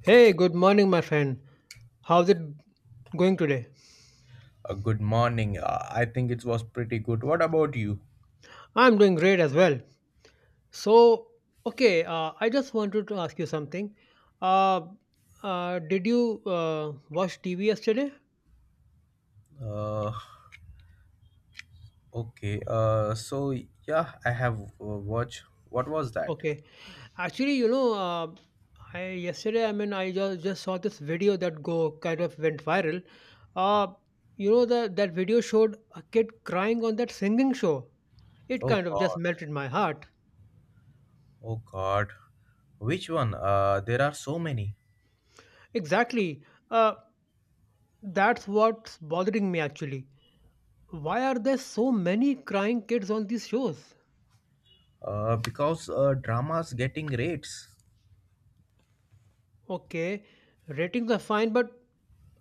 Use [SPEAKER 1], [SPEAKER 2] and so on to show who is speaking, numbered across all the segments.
[SPEAKER 1] Hey, good morning, my friend. How's it going today?
[SPEAKER 2] Good morning. I think it was pretty good. What about you?
[SPEAKER 1] I'm doing great as well. So, okay, I just wanted to ask you something. Uh, did you watch TV yesterday?
[SPEAKER 2] Uh, okay. So yeah, I have watched. What was that?
[SPEAKER 1] Okay. Actually, you know, uh, I yesterday, I just saw this video that go kind of went viral. Uh, that video showed a kid crying on that singing show. It
[SPEAKER 2] Oh
[SPEAKER 1] kind of just
[SPEAKER 2] God.
[SPEAKER 1] melted my heart.
[SPEAKER 2] Oh God. Which one? There are so many.
[SPEAKER 1] Exactly. Uh, that's what's bothering me actually. Why are there so many crying kids on these shows?
[SPEAKER 2] Because dramas getting rates.
[SPEAKER 1] Okay, ratings are fine, but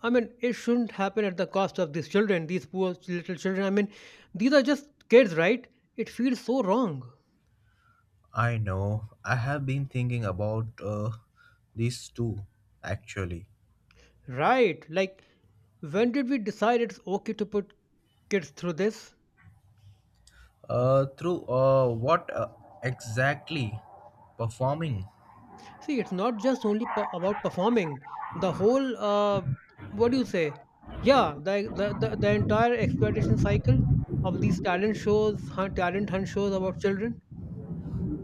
[SPEAKER 1] I mean, it shouldn't happen at the cost of these children, these poor little children. I mean, these are just kids, right? It feels so wrong.
[SPEAKER 2] I know. I have been thinking about these two actually.
[SPEAKER 1] Right, like, when did we decide it's okay to put kids through this?
[SPEAKER 2] Through what exactly performing?
[SPEAKER 1] See, it's not just only about performing. The whole, what do you say? Yeah, the entire exploitation cycle of these talent shows, talent hunt shows about children.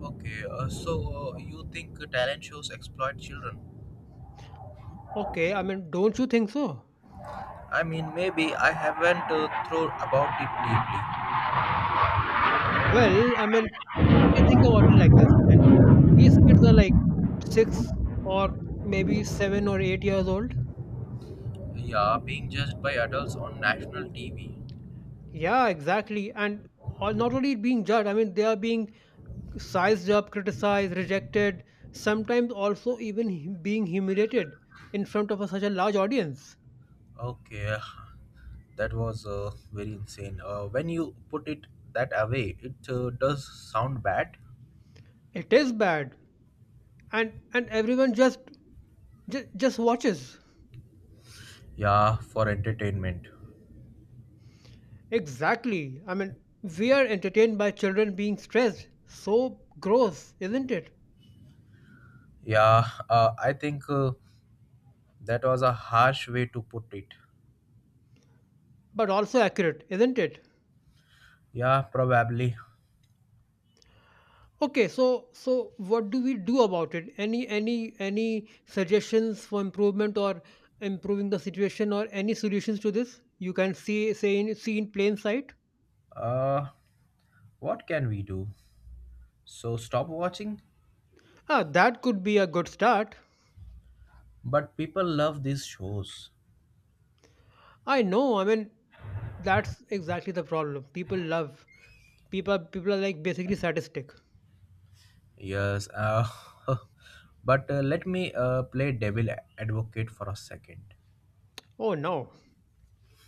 [SPEAKER 2] Okay, so you think talent shows exploit children?
[SPEAKER 1] Okay, I mean, don't you think so?
[SPEAKER 2] I mean, maybe I haven't thought about it
[SPEAKER 1] Well, I mean, okay, think about it like this. I mean, these kids are like six or maybe 7 or 8 years old.
[SPEAKER 2] deeply. Yeah, being judged by adults on national TV.
[SPEAKER 1] Yeah, exactly. And all, not only being judged, I mean, they are being sized up, criticized, rejected, sometimes also even being humiliated in front of such a large audience.
[SPEAKER 2] Okay, that was very insane. When you put it that way, it does sound bad.
[SPEAKER 1] It is bad, and everyone just watches.
[SPEAKER 2] Yeah, for entertainment.
[SPEAKER 1] Exactly. I mean, we are entertained by children being stressed. So gross, isn't it?
[SPEAKER 2] Yeah, I think that was a harsh way to put it.
[SPEAKER 1] But also accurate, isn't it?
[SPEAKER 2] Yeah, probably.
[SPEAKER 1] Okay, so what do we do about it? Any suggestions for improvement or improving the situation or any solutions to this? You can see in plain sight.
[SPEAKER 2] Uh, what can we do? So stop watching?
[SPEAKER 1] Ah, that could be a good start.
[SPEAKER 2] But people love these shows.
[SPEAKER 1] I know. I mean, that's exactly the problem. People love people. People are like basically sadistic.
[SPEAKER 2] Yes. But let me play devil advocate for a second.
[SPEAKER 1] Oh no.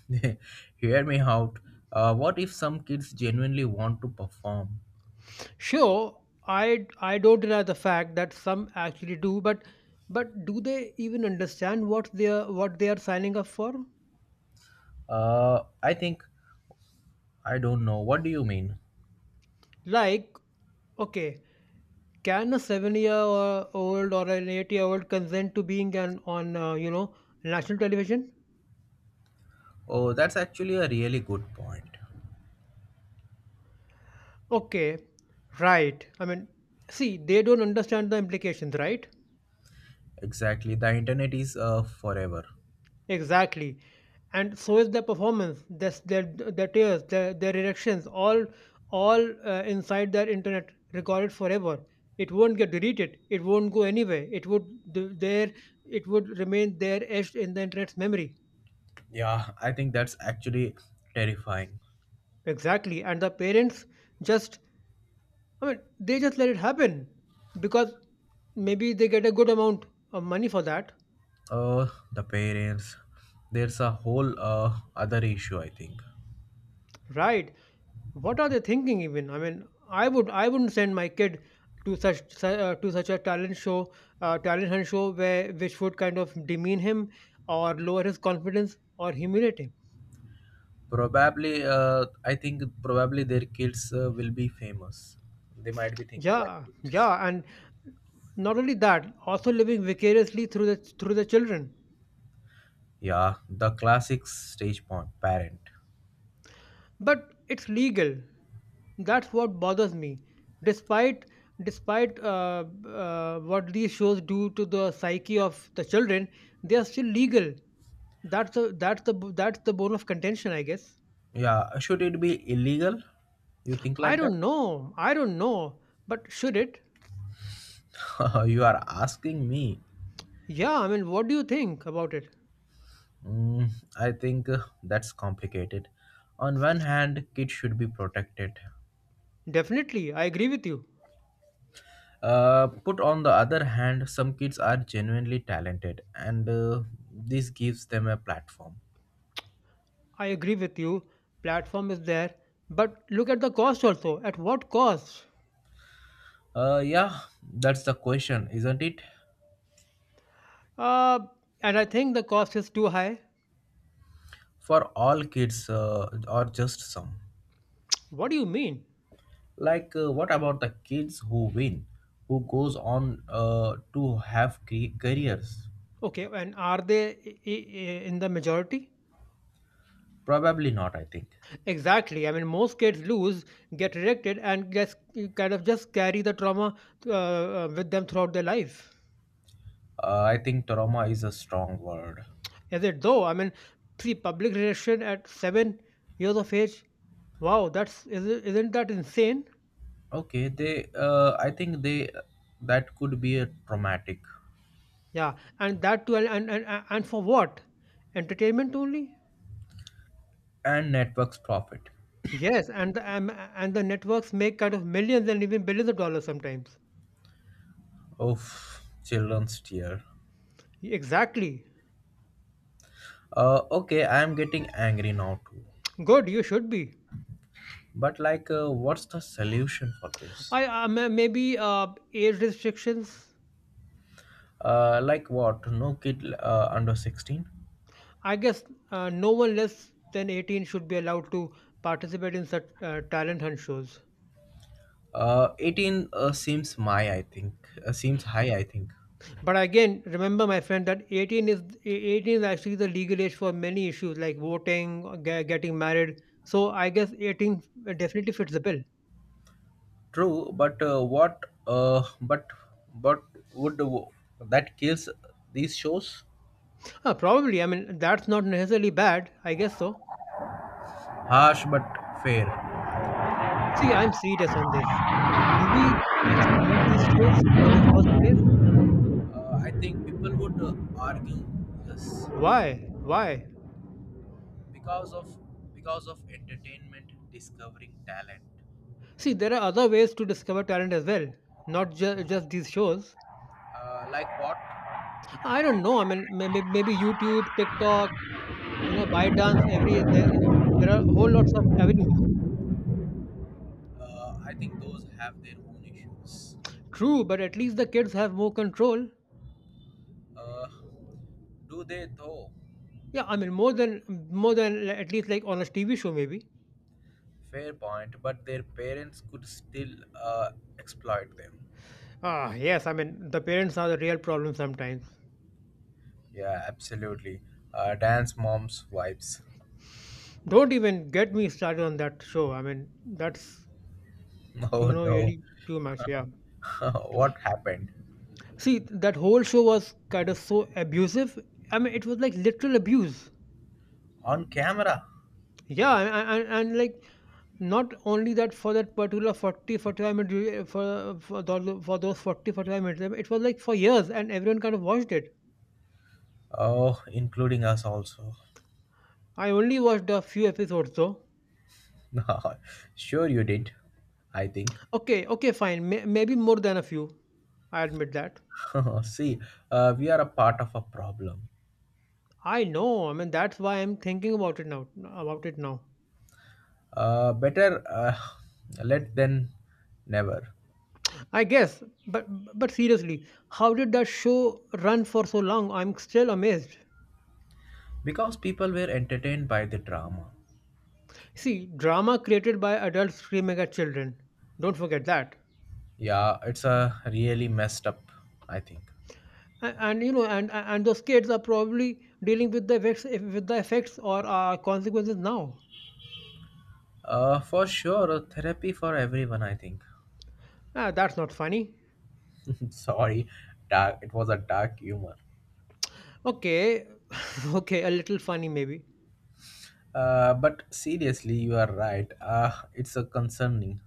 [SPEAKER 2] Hear me out. What if some kids genuinely want to perform?
[SPEAKER 1] Sure, I don't deny the fact that some actually do, but do they even understand what they are signing up for?
[SPEAKER 2] I think, I don't know. What do you mean?
[SPEAKER 1] Like, okay, can a seven-year-old or an eight-year-old consent to being an on national television?
[SPEAKER 2] Oh, that's actually a really good point.
[SPEAKER 1] Okay, right. I mean, see, they don't understand the implications, right?
[SPEAKER 2] Exactly. The internet is forever.
[SPEAKER 1] Exactly, and so is their performance, their tears, their erections, all inside their internet, recorded forever. It won't get deleted. It won't go anywhere. It would th- there. It would remain there, etched in the internet's memory.
[SPEAKER 2] Yeah, I think that's actually terrifying.
[SPEAKER 1] Exactly. And the parents just, I mean, they just let it happen because maybe they get a good amount of money for that.
[SPEAKER 2] Uh, the parents. There's a whole other issue, I think.
[SPEAKER 1] Right. What are they thinking even? I mean, I wouldn't send my kid to such a talent show, talent hunt show where which would kind of demean him or lower his confidence or humiliate him.
[SPEAKER 2] Probably, I think probably their kids will be famous. They might be thinking like
[SPEAKER 1] Yeah,
[SPEAKER 2] it.
[SPEAKER 1] yeah, and not only that, also living vicariously through the children.
[SPEAKER 2] Yeah, the classic stage parent.
[SPEAKER 1] But it's legal, that's what bothers me. Despite what these shows do to the psyche of the children, they are still legal. That's the bone of contention, I guess.
[SPEAKER 2] Yeah, should it be illegal? You think
[SPEAKER 1] i
[SPEAKER 2] like
[SPEAKER 1] don't know i don't know But should it?
[SPEAKER 2] that? You are asking me.
[SPEAKER 1] Yeah, I mean, what do you think about it?
[SPEAKER 2] Mm, I think that's complicated. On one hand, kids should be protected.
[SPEAKER 1] Definitely, I agree with you.
[SPEAKER 2] Put on the other hand, some kids are genuinely talented, and this gives them a platform.
[SPEAKER 1] I agree with you. Platform is there, but look at the cost. Also, at what cost?
[SPEAKER 2] Yeah, that's the question, isn't it?
[SPEAKER 1] uh, and I think the cost is too high.
[SPEAKER 2] For all kids, or just some.
[SPEAKER 1] What do you mean?
[SPEAKER 2] Like, what about the kids who win, who goes on to have careers?
[SPEAKER 1] Okay, and are they in the majority?
[SPEAKER 2] Probably not. I think.
[SPEAKER 1] Exactly. I mean, most kids lose, get rejected, and just carry the trauma with them throughout their life.
[SPEAKER 2] I think trauma is a strong word.
[SPEAKER 1] Is it though? I mean, see, public rejection at 7 years of age. Wow, that's, isn't that insane?
[SPEAKER 2] Okay, they. I think they. That could be a traumatic
[SPEAKER 1] Yeah, and that too, and for what? Entertainment only?
[SPEAKER 2] and networks profit.
[SPEAKER 1] Yes, and the networks make kind of millions and even billions of dollars sometimes.
[SPEAKER 2] Oof, children's tear.
[SPEAKER 1] Exactly.
[SPEAKER 2] Okay, I am getting angry now too.
[SPEAKER 1] Good, you should be.
[SPEAKER 2] But like, what's the solution for this?
[SPEAKER 1] I may- maybe age restrictions.
[SPEAKER 2] Like what? No kid under 16.
[SPEAKER 1] I guess no one less than 18 should be allowed to participate in such talent hunt shows.
[SPEAKER 2] 18 seems my I think seems high I
[SPEAKER 1] Mm.
[SPEAKER 2] think.
[SPEAKER 1] But again, remember, my friend, that 18 is actually the legal age for many issues like voting, or getting married. So I guess 18 definitely fits the bill.
[SPEAKER 2] True, but what? Uh, but but would that kills these shows?
[SPEAKER 1] Probably. I mean, that's not necessarily bad. I guess so.
[SPEAKER 2] Harsh but fair.
[SPEAKER 1] See, I'm serious on this. Do we actually need these shows in the first place?
[SPEAKER 2] I think people would argue this
[SPEAKER 1] Why? Why?
[SPEAKER 2] because of because of entertainment discovering talent.
[SPEAKER 1] See, there are other ways to discover talent as well, not just these shows.
[SPEAKER 2] Like what?
[SPEAKER 1] I don't know. I mean, maybe YouTube, TikTok, you know, ByteDance, there are whole lots of avenues.
[SPEAKER 2] I think those have their own issues.
[SPEAKER 1] True, but at least the kids have more control.
[SPEAKER 2] Uh, do they though?
[SPEAKER 1] Yeah, I mean, more than at least like on a TV show, maybe.
[SPEAKER 2] Fair point, but their parents could still uh, exploit them.
[SPEAKER 1] Ah, yes. I mean, the parents are the real problem sometimes.
[SPEAKER 2] Yeah, absolutely. Dance mom's vibes.
[SPEAKER 1] Don't even get me started on that show. I mean, that's you
[SPEAKER 2] Oh
[SPEAKER 1] know
[SPEAKER 2] no,
[SPEAKER 1] really too much. Yeah.
[SPEAKER 2] what happened?
[SPEAKER 1] See, that whole show was kind of so abusive. I mean, it was like literal abuse.
[SPEAKER 2] On camera?
[SPEAKER 1] Yeah, and like not only that, for that particular forty forty-five 45-minute dura- for, tho- for those 40 45 minutes, I mean, it was like for years and everyone kind of watched it.
[SPEAKER 2] Oh, including us also.
[SPEAKER 1] I only watched a few episodes though.
[SPEAKER 2] Sure, you did, I think.
[SPEAKER 1] Okay, okay, fine. Maybe more than a few, I admit that.
[SPEAKER 2] See, we are a part of a problem.
[SPEAKER 1] I know, I mean that's why I'm thinking about it now.
[SPEAKER 2] Better let than never.
[SPEAKER 1] I guess, but seriously, how did that show run for so long? I'm still amazed.
[SPEAKER 2] Because people were entertained by the drama.
[SPEAKER 1] See, drama created by adults screaming at children. Don't forget that.
[SPEAKER 2] Yeah, it's a really messed up, I think.
[SPEAKER 1] And you know, and those kids are probably dealing with the effects or consequences now.
[SPEAKER 2] For sure, a therapy for everyone, I think.
[SPEAKER 1] Ah, that's not funny.
[SPEAKER 2] Sorry, dark. It was a dark humor.
[SPEAKER 1] Okay, okay, a little funny maybe.
[SPEAKER 2] But seriously, you are right. It's a concerning.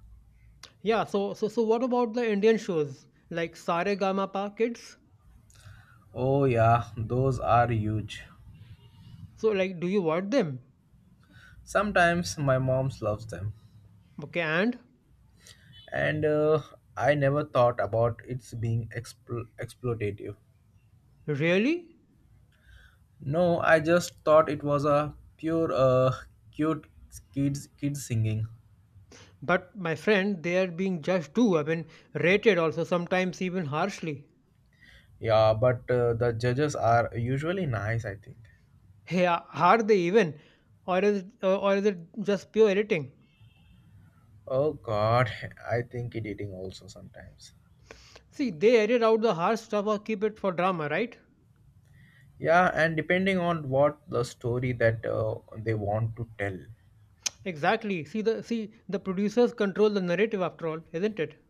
[SPEAKER 1] Yeah. So, what about the Indian shows like Sare Gama Pa Kids?
[SPEAKER 2] Oh yeah, those are huge.
[SPEAKER 1] So like, do you watch them?
[SPEAKER 2] Sometimes my mom loves them,
[SPEAKER 1] Okay, and
[SPEAKER 2] and I never thought about it's being exploitative.
[SPEAKER 1] really?
[SPEAKER 2] No, I just thought it was a pure cute kids singing.
[SPEAKER 1] But my friend, they are being judged too. I mean, rated also sometimes even harshly.
[SPEAKER 2] Yeah, but the judges are usually nice, I think.
[SPEAKER 1] Yeah, are they even, or is it just pure editing?
[SPEAKER 2] Oh god, I think it eating also sometimes.
[SPEAKER 1] See, they edit out the harsh stuff or keep it for drama, right?
[SPEAKER 2] Yeah, and depending on what the story that they want to tell.
[SPEAKER 1] Exactly. See, the producers control the narrative after all, isn't it?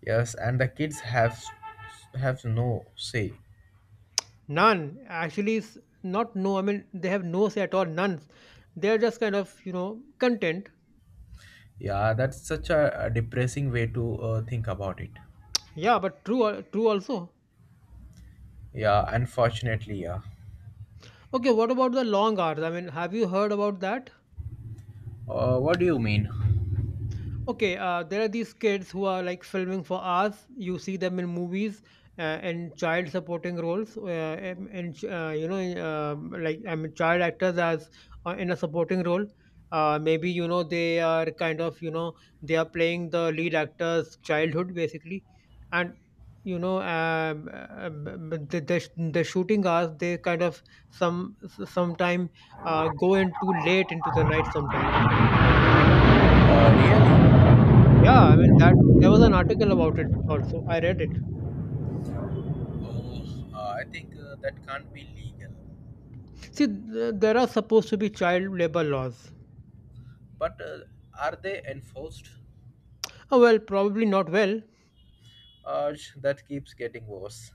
[SPEAKER 2] Yes, and the kids have no say.
[SPEAKER 1] None actually is not no. I mean, they have no say at all. None. They are just kind of you know content.
[SPEAKER 2] Yeah, that's such a depressing way to think about it.
[SPEAKER 1] Yeah, but true also.
[SPEAKER 2] Yeah, unfortunately, yeah.
[SPEAKER 1] Okay, what about the long hours? I mean, have you heard about that?
[SPEAKER 2] What do you mean?
[SPEAKER 1] Okay, there are these kids who are like filming for hours. You see them in movies and child supporting roles, and you know, like I mean, child actors as in a supporting role. Maybe you know they are kind of you know they are playing the lead actor's childhood basically, and you know um, the, the shooting hours they kind of some sometime go into late into the night sometime.
[SPEAKER 2] Really?
[SPEAKER 1] Yeah, I mean that there was an article about it also. I read it.
[SPEAKER 2] Oh, I think that can't be legal.
[SPEAKER 1] See, there are supposed to be child labor laws.
[SPEAKER 2] But are they enforced?
[SPEAKER 1] Oh, well, probably not well.
[SPEAKER 2] That keeps getting worse.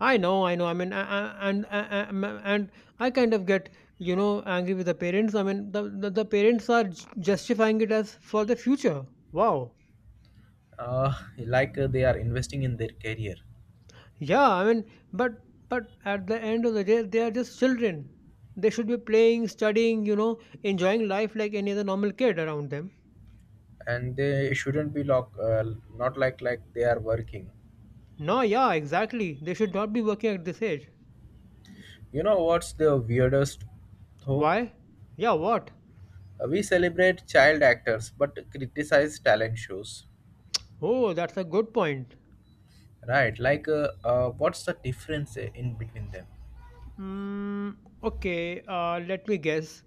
[SPEAKER 1] I know. I mean, a- and a- a- m- and I kind of get you know angry with the parents. I mean, the parents are justifying it as for the future. Wow.
[SPEAKER 2] Uh, like they are investing in their career,
[SPEAKER 1] Yeah, I mean, but but at the end of the day, they are just children. They should be playing, studying, you know, enjoying life like any other normal kid around them.
[SPEAKER 2] and they shouldn't be lock, not like they are working.
[SPEAKER 1] No, yeah, exactly. They should not be working at this age.
[SPEAKER 2] You know what's the weirdest though?
[SPEAKER 1] Why? Yeah, what?
[SPEAKER 2] We celebrate child actors, but criticize talent shows,
[SPEAKER 1] Oh, that's a good point.
[SPEAKER 2] right? Like, what's the difference in between them?
[SPEAKER 1] Mm, okay, let me guess.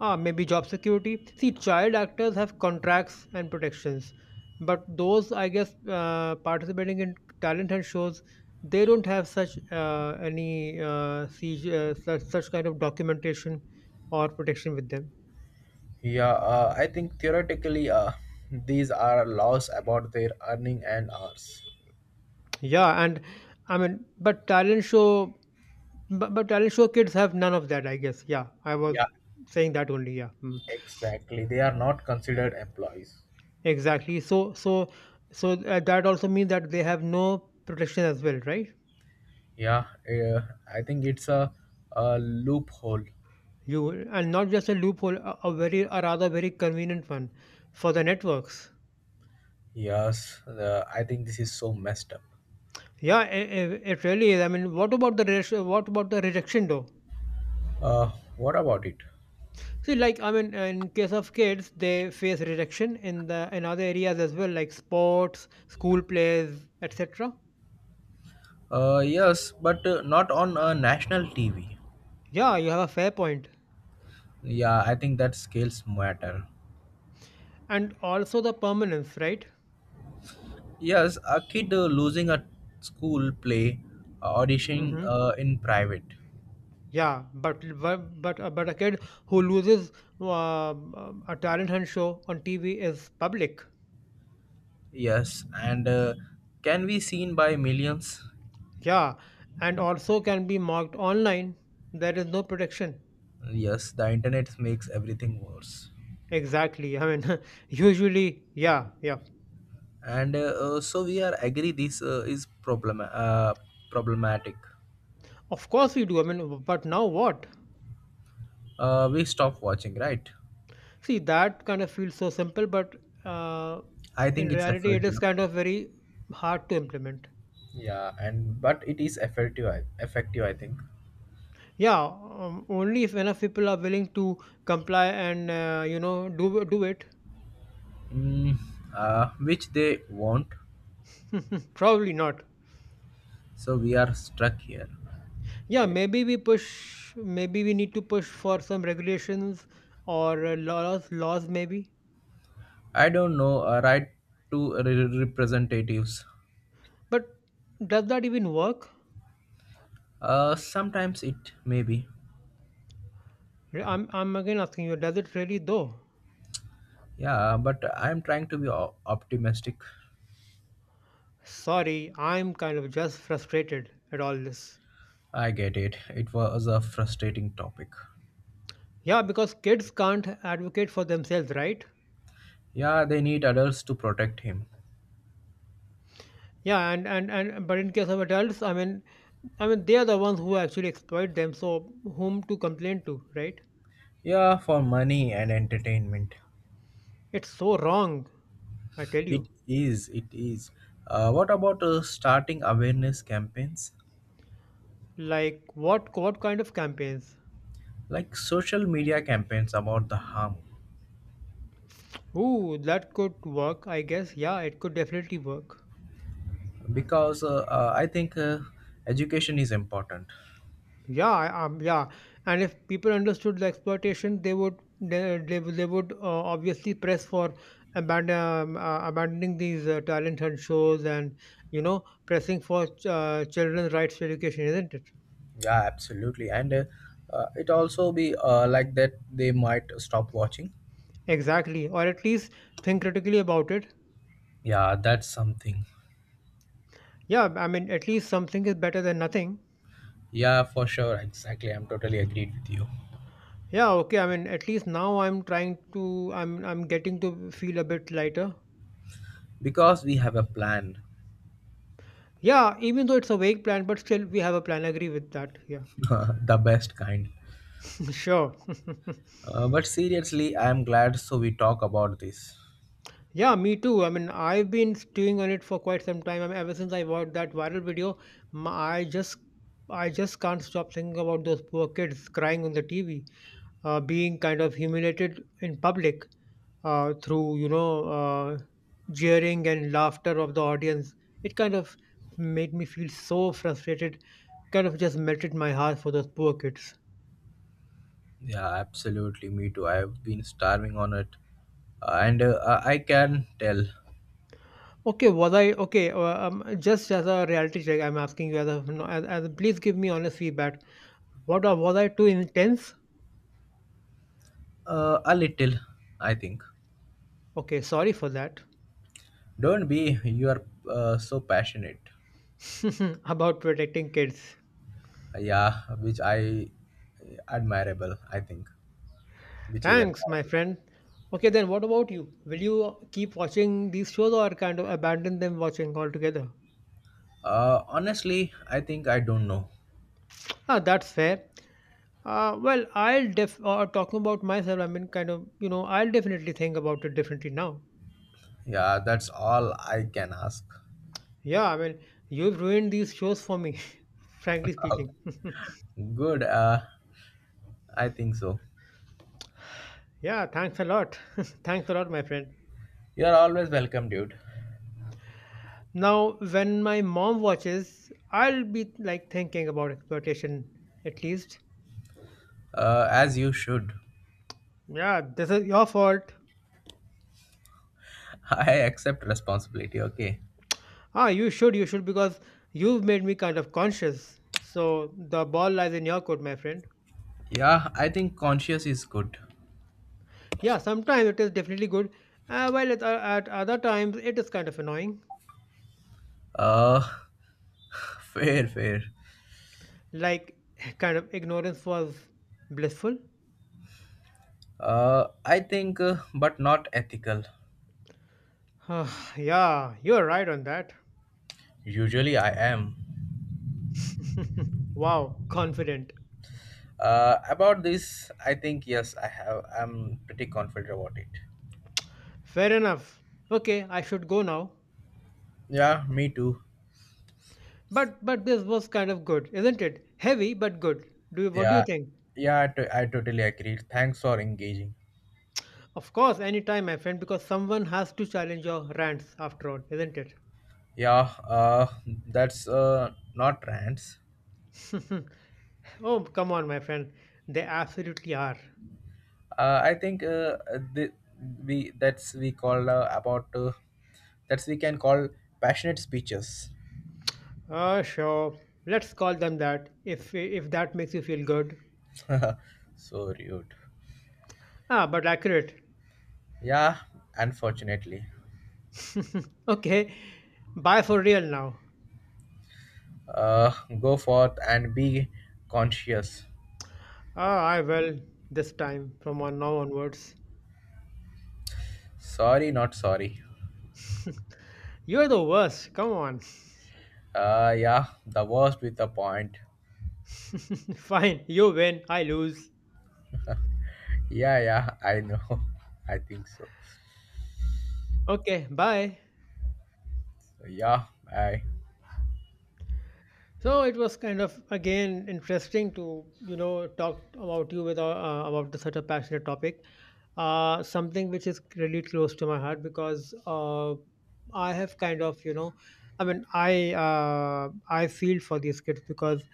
[SPEAKER 1] Ah, maybe job security. See, child actors have contracts and protections, but those, I guess, participating in talent and shows, they don't have such such kind of documentation or protection with them.
[SPEAKER 2] Yeah, I think theoretically, these are laws about their earning and hours.
[SPEAKER 1] Yeah, and I mean, but talent show kids have none of that, I guess. Yeah, I was
[SPEAKER 2] Yeah,
[SPEAKER 1] saying that only. Yeah. Hmm.
[SPEAKER 2] exactly. They are not considered employees.
[SPEAKER 1] Exactly. So, that also means that they have no protection as well, right?
[SPEAKER 2] Yeah, I think it's a loophole.
[SPEAKER 1] You And not just a loophole, a very, a rather very convenient one for the networks.
[SPEAKER 2] Yes, I think this is so messed up.
[SPEAKER 1] Yeah, it really is. I mean, what about the rejection? What about the rejection though?
[SPEAKER 2] Uh, what about it?
[SPEAKER 1] See, like I mean, in case of kids, they face rejection in the in other areas as well, like sports, school plays, etc.
[SPEAKER 2] Yes, but not on national TV.
[SPEAKER 1] Yeah, you have a fair point,
[SPEAKER 2] Yeah, I think that scales matter.
[SPEAKER 1] and also the permanence, right?
[SPEAKER 2] Yes, a kid losing a school play, auditioning in private.
[SPEAKER 1] Yeah, but a kid who loses uh, a talent hunt show on TV is public.
[SPEAKER 2] Yes, and can be seen by millions.
[SPEAKER 1] Yeah, and also can be mocked online. There is no protection.
[SPEAKER 2] Yes, the internet makes everything worse.
[SPEAKER 1] Exactly. I mean, usually, yeah, yeah.
[SPEAKER 2] And so we are agree this is problem problematic.
[SPEAKER 1] Of course we do. I mean, but now what?
[SPEAKER 2] We stop watching, right?
[SPEAKER 1] See, that kind of feels so simple, but uh,
[SPEAKER 2] I
[SPEAKER 1] in
[SPEAKER 2] think it's
[SPEAKER 1] reality, it
[SPEAKER 2] effective.
[SPEAKER 1] is kind of very hard to implement.
[SPEAKER 2] Yeah, and but it is effective. Effective, I think.
[SPEAKER 1] Yeah, only if enough people are willing to comply and do it.
[SPEAKER 2] Mm, which they want.
[SPEAKER 1] Probably not.
[SPEAKER 2] So we are stuck here.
[SPEAKER 1] Yeah, maybe we push, maybe we need to push for some regulations or laws, laws maybe.
[SPEAKER 2] I don't know. Right to representatives.
[SPEAKER 1] But does that even work?
[SPEAKER 2] Sometimes it may be.
[SPEAKER 1] I'm again asking you, does it really though?
[SPEAKER 2] Yeah, but I'm trying to be optimistic.
[SPEAKER 1] Sorry, I'm kind of just frustrated at all this.
[SPEAKER 2] I get it. It was a frustrating topic.
[SPEAKER 1] Yeah, because kids can't advocate for themselves, right?
[SPEAKER 2] Yeah, they need adults to protect him.
[SPEAKER 1] Yeah, and but in case of adults, I mean, they are the ones who actually exploit them, so whom to complain to, right?
[SPEAKER 2] Yeah, for money and entertainment.
[SPEAKER 1] It's so wrong, I tell you.
[SPEAKER 2] It is, it is. What about starting awareness campaigns?
[SPEAKER 1] Like what kind of campaigns?
[SPEAKER 2] Like social media campaigns about the harm.
[SPEAKER 1] Ooh, that could work, I guess. Yeah, it could definitely work.
[SPEAKER 2] Because I think education is important.
[SPEAKER 1] Yeah, yeah. And if people understood the exploitation, they would obviously press for abandoning these talent hunt shows and pressing for children's rights to education, isn't it?
[SPEAKER 2] Yeah, absolutely. And it also be like that they might stop watching.
[SPEAKER 1] Exactly. Or at least think critically about it.
[SPEAKER 2] Yeah, that's something.
[SPEAKER 1] Yeah, I mean, at least something is better than nothing.
[SPEAKER 2] Yeah, for sure. Exactly. I'm totally agreed with you.
[SPEAKER 1] Yeah, okay. I mean, at least now I'm getting to feel a bit lighter.
[SPEAKER 2] Because we have a plan,
[SPEAKER 1] Yeah, even though it's a vague plan, but still we have a plan. Agree with that. Yeah.
[SPEAKER 2] the best kind.
[SPEAKER 1] Sure.
[SPEAKER 2] But seriously, I'm glad so we talk about this.
[SPEAKER 1] Yeah, me too. I mean, I've been stewing on it for quite some time. I mean, ever since I watched that viral video, my, I just I just can't stop thinking about those poor kids crying on the TV, being kind of humiliated in public, through jeering and laughter of the audience. It kind of made me feel so frustrated, kind of just melted my heart for those poor kids.
[SPEAKER 2] Yeah, absolutely. Me too. I've been starving on it. And I can tell
[SPEAKER 1] Okay, was I okay just as a reality check, I'm asking you as a no, as please give me honest feedback. What Was I too intense?
[SPEAKER 2] a little, I think.
[SPEAKER 1] Okay, sorry for that.
[SPEAKER 2] Don't be, you are so passionate.
[SPEAKER 1] About protecting kids.
[SPEAKER 2] Yeah, which I admirable, I think. Which is
[SPEAKER 1] Thanks, my
[SPEAKER 2] admirable.
[SPEAKER 1] friend. Okay, then what about you? Will you keep watching these shows or kind of abandon them watching altogether?
[SPEAKER 2] Honestly, I think I don't know.
[SPEAKER 1] Ah, that's fair. Well, I'll def Talking about myself, I mean, kind of, you know, I'll definitely think about it differently now.
[SPEAKER 2] Yeah, that's all I can ask.
[SPEAKER 1] Yeah, I mean, you've ruined these shows for me, frankly speaking.
[SPEAKER 2] Good, I think so.
[SPEAKER 1] Yeah, thanks a lot. Thanks a lot, my friend.
[SPEAKER 2] You're always welcome, dude.
[SPEAKER 1] Now, when my mom watches, I'll be like thinking about exploitation, at least.
[SPEAKER 2] As you should.
[SPEAKER 1] Yeah, this is your fault.
[SPEAKER 2] I accept responsibility, okay?
[SPEAKER 1] Ah, you should, because you've made me kind of conscious. So the ball lies in your court, my friend.
[SPEAKER 2] Yeah, I think conscious is good.
[SPEAKER 1] Yeah, sometimes it is definitely good, while at other times it is kind of annoying.
[SPEAKER 2] Uh, fair, fair.
[SPEAKER 1] Like, kind of ignorance was blissful.
[SPEAKER 2] I think, but not ethical.
[SPEAKER 1] Yeah, you're right on that.
[SPEAKER 2] Usually I am.
[SPEAKER 1] Wow, confident.
[SPEAKER 2] About this, I think, yes, I have. I'm pretty confident about it.
[SPEAKER 1] Fair enough. Okay, I should go now.
[SPEAKER 2] Yeah, me too.
[SPEAKER 1] But this was kind of good, isn't it? Heavy but good. What do you
[SPEAKER 2] Yeah,
[SPEAKER 1] think?
[SPEAKER 2] yeah, I totally agree. Thanks for engaging.
[SPEAKER 1] Of course, anytime, my friend, because someone has to challenge your rants after all, isn't it?
[SPEAKER 2] Yeah, that's not rants.
[SPEAKER 1] Oh, come on, my friend. They absolutely are.
[SPEAKER 2] I think the, we that's we call about that's we can call passionate speeches.
[SPEAKER 1] Sure. Let's call them that if that makes you feel good.
[SPEAKER 2] So rude.
[SPEAKER 1] Ah, but accurate.
[SPEAKER 2] Yeah, unfortunately.
[SPEAKER 1] Okay. Bye for real now.
[SPEAKER 2] Uh, Go forth and be conscious.
[SPEAKER 1] Ah, I will this time from on now onwards.
[SPEAKER 2] Sorry, not sorry.
[SPEAKER 1] You're the worst. Come on.
[SPEAKER 2] Yeah, the worst with the point.
[SPEAKER 1] Fine. You win. I lose.
[SPEAKER 2] Yeah, yeah, I know. I think so.
[SPEAKER 1] Okay. Bye.
[SPEAKER 2] Yeah, I.
[SPEAKER 1] So it was kind of again interesting to talk about you with about such a passionate topic, something which is really close to my heart, because I have kind of you know, I mean I feel for these kids. Because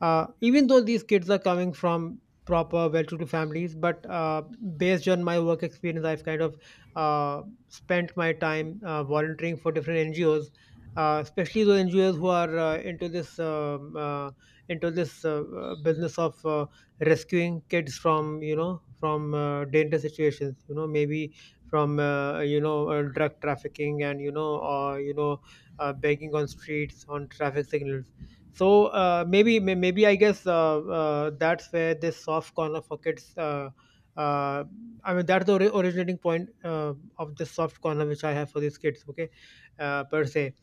[SPEAKER 1] even though these kids are coming from proper well-to-do families, but based on my work experience, I've kind of uh, spent my time volunteering for different NGOs, especially those NGOs who are into this business of rescuing kids from from dangerous situations. You know, maybe from drug trafficking and begging on streets, on traffic signals. So maybe I guess that's where this soft corner for kids. Uh, I mean that's the originating point of the soft corner which I have for these kids. Okay, per se.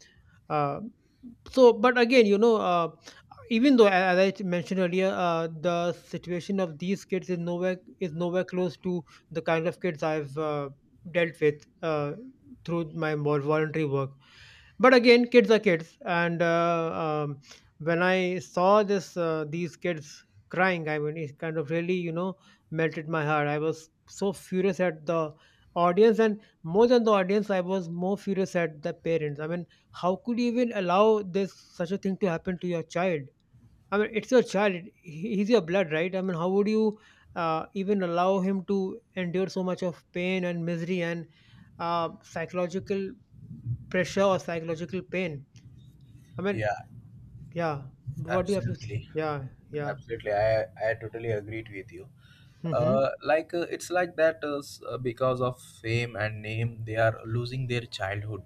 [SPEAKER 1] Uh, so, but again, you know, even though, as I mentioned earlier, the situation of these kids is nowhere close to the kind of kids I've dealt with through my more voluntary work. But again, kids are kids, and when I saw this these kids crying, I mean it kind of really, you know, melted my heart. I was so furious at the audience, and more than the audience, I was more furious at the parents. I mean, how could you even allow this such a thing to happen to your child? I mean, it's your child. He's your blood, right? I mean, how would you even allow him to endure so much of pain and misery and psychological pressure or psychological pain. I mean,
[SPEAKER 2] Yeah,
[SPEAKER 1] yeah. What do you have to say?
[SPEAKER 2] absolutely,
[SPEAKER 1] Yeah, yeah.
[SPEAKER 2] absolutely. I totally agreed with you.
[SPEAKER 1] Mm-hmm.
[SPEAKER 2] Like it's like that because of fame and name, they are losing their childhood.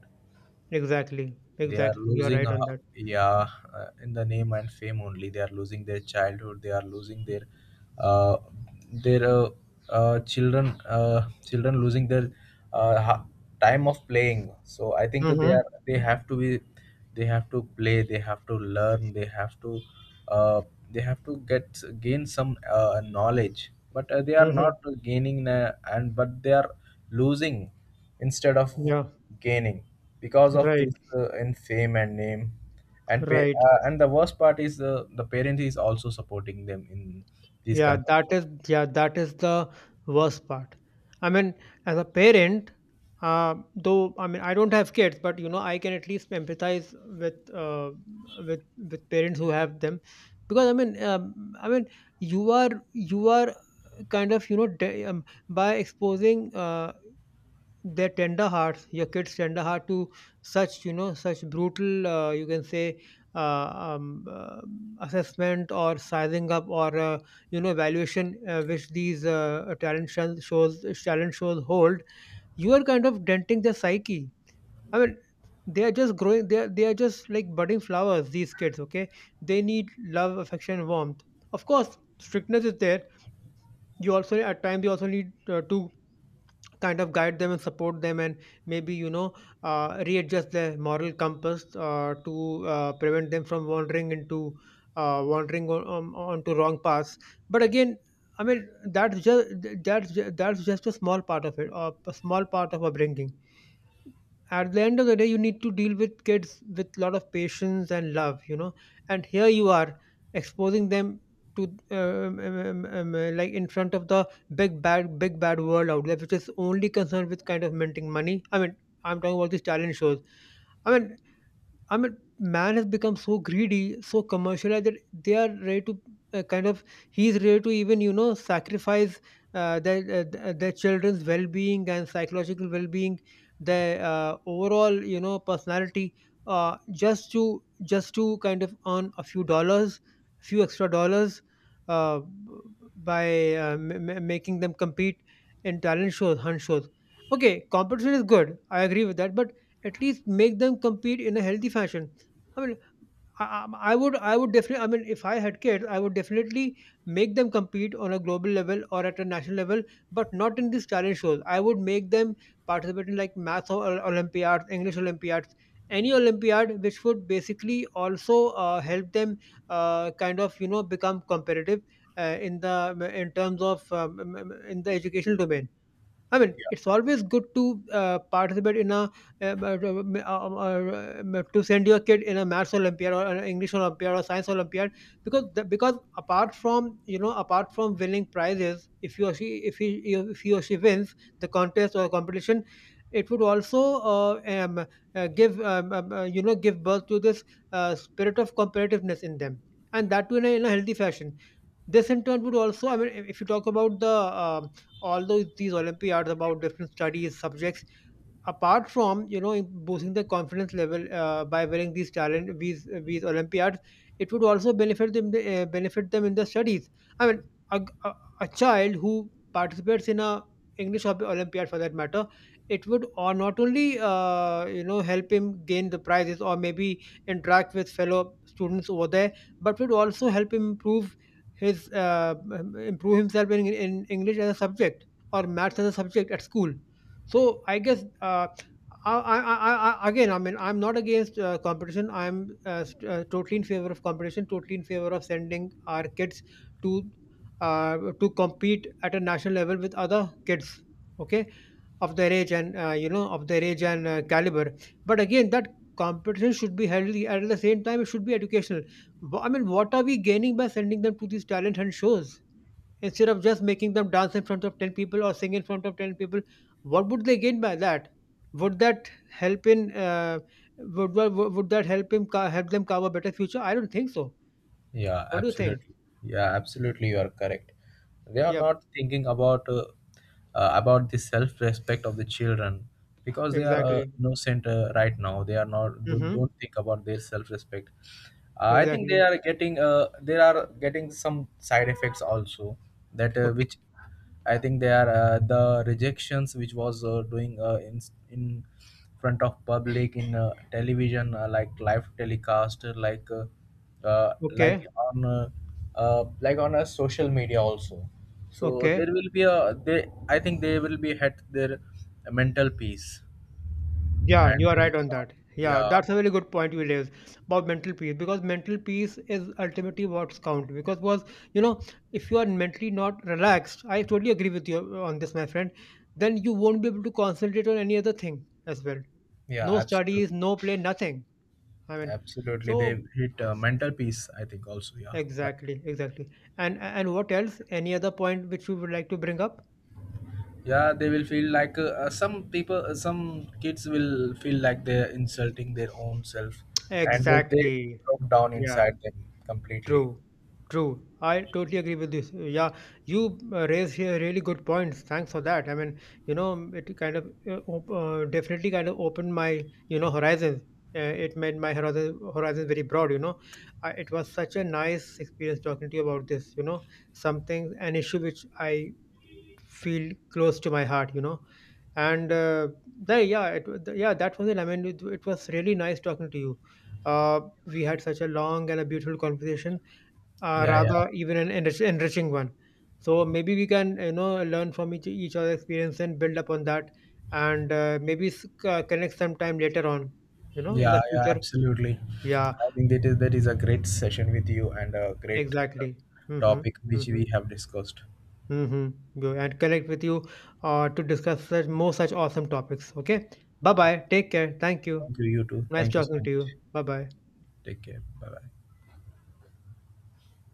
[SPEAKER 1] Exactly.
[SPEAKER 2] They are
[SPEAKER 1] Exactly. You are
[SPEAKER 2] losing,
[SPEAKER 1] right on that.
[SPEAKER 2] yeah, in the name and fame only they are losing their childhood. They are losing their, uh, their uh, children, children losing their uh, ha- time of playing. So I think they
[SPEAKER 1] Mm-hmm.
[SPEAKER 2] are they have to be They have to play, they have to learn, they have to, uh, they have to get gain some knowledge, but they are not
[SPEAKER 1] Mm-hmm.
[SPEAKER 2] gaining, and but they are losing instead of
[SPEAKER 1] Yeah.
[SPEAKER 2] gaining because of
[SPEAKER 1] Right.
[SPEAKER 2] this in fame and name and pay.
[SPEAKER 1] Right.
[SPEAKER 2] And the worst part is the parent is also supporting them in these
[SPEAKER 1] Yeah.
[SPEAKER 2] kind of
[SPEAKER 1] That
[SPEAKER 2] stuff.
[SPEAKER 1] is. Yeah. That is the worst part. I mean, as a parent, though I mean I don't have kids, but you know I can at least empathize with with parents who have them, because I mean you are kind of, you know, by exposing their tender hearts, your kids' tender heart, to such, you know, such brutal you can say uh, um, uh, assessment or sizing up or you know evaluation which these talent shun- shows talent shows hold. You are kind of denting their psyche. I mean, they are just growing. They are just like budding flowers, these kids, okay? They need love, affection, warmth. Of course, strictness is there. You also need to kind of guide them and support them, and maybe you know readjust their moral compass to prevent them from wandering into wandering onto wrong paths. But again, I mean that's just, that's just a small part of it, or a small part of upbringing. At the end of the day, you need to deal with kids with lot of patience and love, you know. And here you are, exposing them to like in front of the big bad world out there, which is only concerned with kind of minting money. I mean, I'm talking about these talent shows. I mean I mean, man has become so greedy, so commercialized, that they are ready to uh, kind of he is ready to even, you know, sacrifice their children's well-being and psychological well-being, their overall, you know, personality, just to kind of earn a few dollars, few extra dollars, uh, b- by making them compete in talent shows, hunt shows. Okay, competition is good. I agree with that, but at least make them compete in a healthy fashion. I mean, I would definitely. I mean, if I had kids, I would definitely make them compete on a global level or at a national level, but not in these talent shows. I would make them participate in like math or Olympiads, English Olympiads, any Olympiad, which would basically also help them kind of, you know, become competitive uh, in the in terms of in the educational domain. I mean,
[SPEAKER 2] Yeah,
[SPEAKER 1] it's always good to participate in a to send your kid in a maths Olympiad or an English Olympiad or science Olympiad, because because apart from, you know, apart from winning prizes, if he or she wins the contest or competition, it would also give you know give birth to this spirit of competitiveness in them, and that too in a healthy fashion. This in turn would also, I mean, if you talk about the um all those these Olympiads about different studies subjects, apart from, you know, boosting the confidence level by wearing these talent these olympiads, it would also benefit them, benefit them in the studies. I mean, a, a, a child who participates in a english or olympiad for that matter, it would, or not only you know help him gain the prizes or maybe interact with fellow students over there, but would also help him improve his improve himself in english as a subject or maths as a subject at school. So I guess I, I, I, again, I mean, I'm not against competition. I'm totally in favor of competition. Totally in favor of sending our kids to to compete at a national level with other kids, okay, of their age and of their age and caliber. But again, that competition should be healthy. At the same time, it should be educational. I mean, what are we gaining by sending them to these talent and shows? Instead of just making them dance in front of 10 people or sing in front of 10 people, what would they gain by that? Would that help in would that help help them carve a better future? I don't think so.
[SPEAKER 2] yeah,
[SPEAKER 1] What do you think?
[SPEAKER 2] absolutely. Yeah, absolutely, you are correct. They are
[SPEAKER 1] Yep,
[SPEAKER 2] not thinking about, about the self respect of the children. Because they are
[SPEAKER 1] exactly.
[SPEAKER 2] innocent. Right now they are not
[SPEAKER 1] Mm-hmm.
[SPEAKER 2] don't think about their self respect. I think they
[SPEAKER 1] Exactly.
[SPEAKER 2] are getting uh, they are getting some side effects also, that
[SPEAKER 1] Okay.
[SPEAKER 2] which I think they are, the rejections which was doing in front of public in television, like live telecast, uh, like
[SPEAKER 1] Okay.
[SPEAKER 2] on uh, like on a social media also. So
[SPEAKER 1] Okay.
[SPEAKER 2] there will be a they, I think they will be at their mental peace.
[SPEAKER 1] Yeah, you
[SPEAKER 2] And
[SPEAKER 1] are right on
[SPEAKER 2] yeah,
[SPEAKER 1] that. Yeah,
[SPEAKER 2] yeah,
[SPEAKER 1] that's a very good point you raised about mental peace, because mental peace is ultimately what's count. Because was you know if you are mentally not relaxed, I totally agree with you on this, my friend. Then you won't be able to concentrate on any other thing as well.
[SPEAKER 2] yeah,
[SPEAKER 1] No
[SPEAKER 2] absolutely,
[SPEAKER 1] studies, no play, nothing. I mean,
[SPEAKER 2] absolutely
[SPEAKER 1] so
[SPEAKER 2] they hit mental peace I think also, yeah, right.
[SPEAKER 1] exactly, exactly. And what else? Any other point which you would like to bring up?
[SPEAKER 2] Yeah, they will feel like some people, some kids will feel like they're insulting their own self, and they
[SPEAKER 1] Exactly.
[SPEAKER 2] broke down
[SPEAKER 1] Yeah.
[SPEAKER 2] inside them completely.
[SPEAKER 1] True, true. I totally agree with this. Yeah, you raised here really good points. Thanks for that. I mean, you know, it kind of definitely kind of opened my, you know, horizons. It made my horizon very broad. You know, I, it was such a nice experience talking to you about this. You know, something, an issue which I feel close to my heart. You know, and the, yeah, it, wa- the, yeah, that was it. I mean, it was really nice talking to you. We had such a long and a beautiful conversation,
[SPEAKER 2] Yeah, yeah,
[SPEAKER 1] rather even an enriching one. So maybe we can, you know, learn from each other's experience and build upon that, and connect sometime later on. You know, in
[SPEAKER 2] yeah,
[SPEAKER 1] the
[SPEAKER 2] yeah,
[SPEAKER 1] future.
[SPEAKER 2] absolutely,
[SPEAKER 1] Yeah,
[SPEAKER 2] I think that is a great session with you and a great uh,
[SPEAKER 1] exactly. Mm-hmm.
[SPEAKER 2] topic which
[SPEAKER 1] Mm-hmm.
[SPEAKER 2] we have discussed.
[SPEAKER 1] Mm-hmm. Go and connect with you to discuss such more such awesome topics. Okay. Bye
[SPEAKER 2] Yeah.
[SPEAKER 1] bye. Take care. Thank you.
[SPEAKER 2] Thank you, you too,
[SPEAKER 1] Nice
[SPEAKER 2] thank you so
[SPEAKER 1] talking to
[SPEAKER 2] much,
[SPEAKER 1] you. Bye bye.
[SPEAKER 2] take care, bye bye.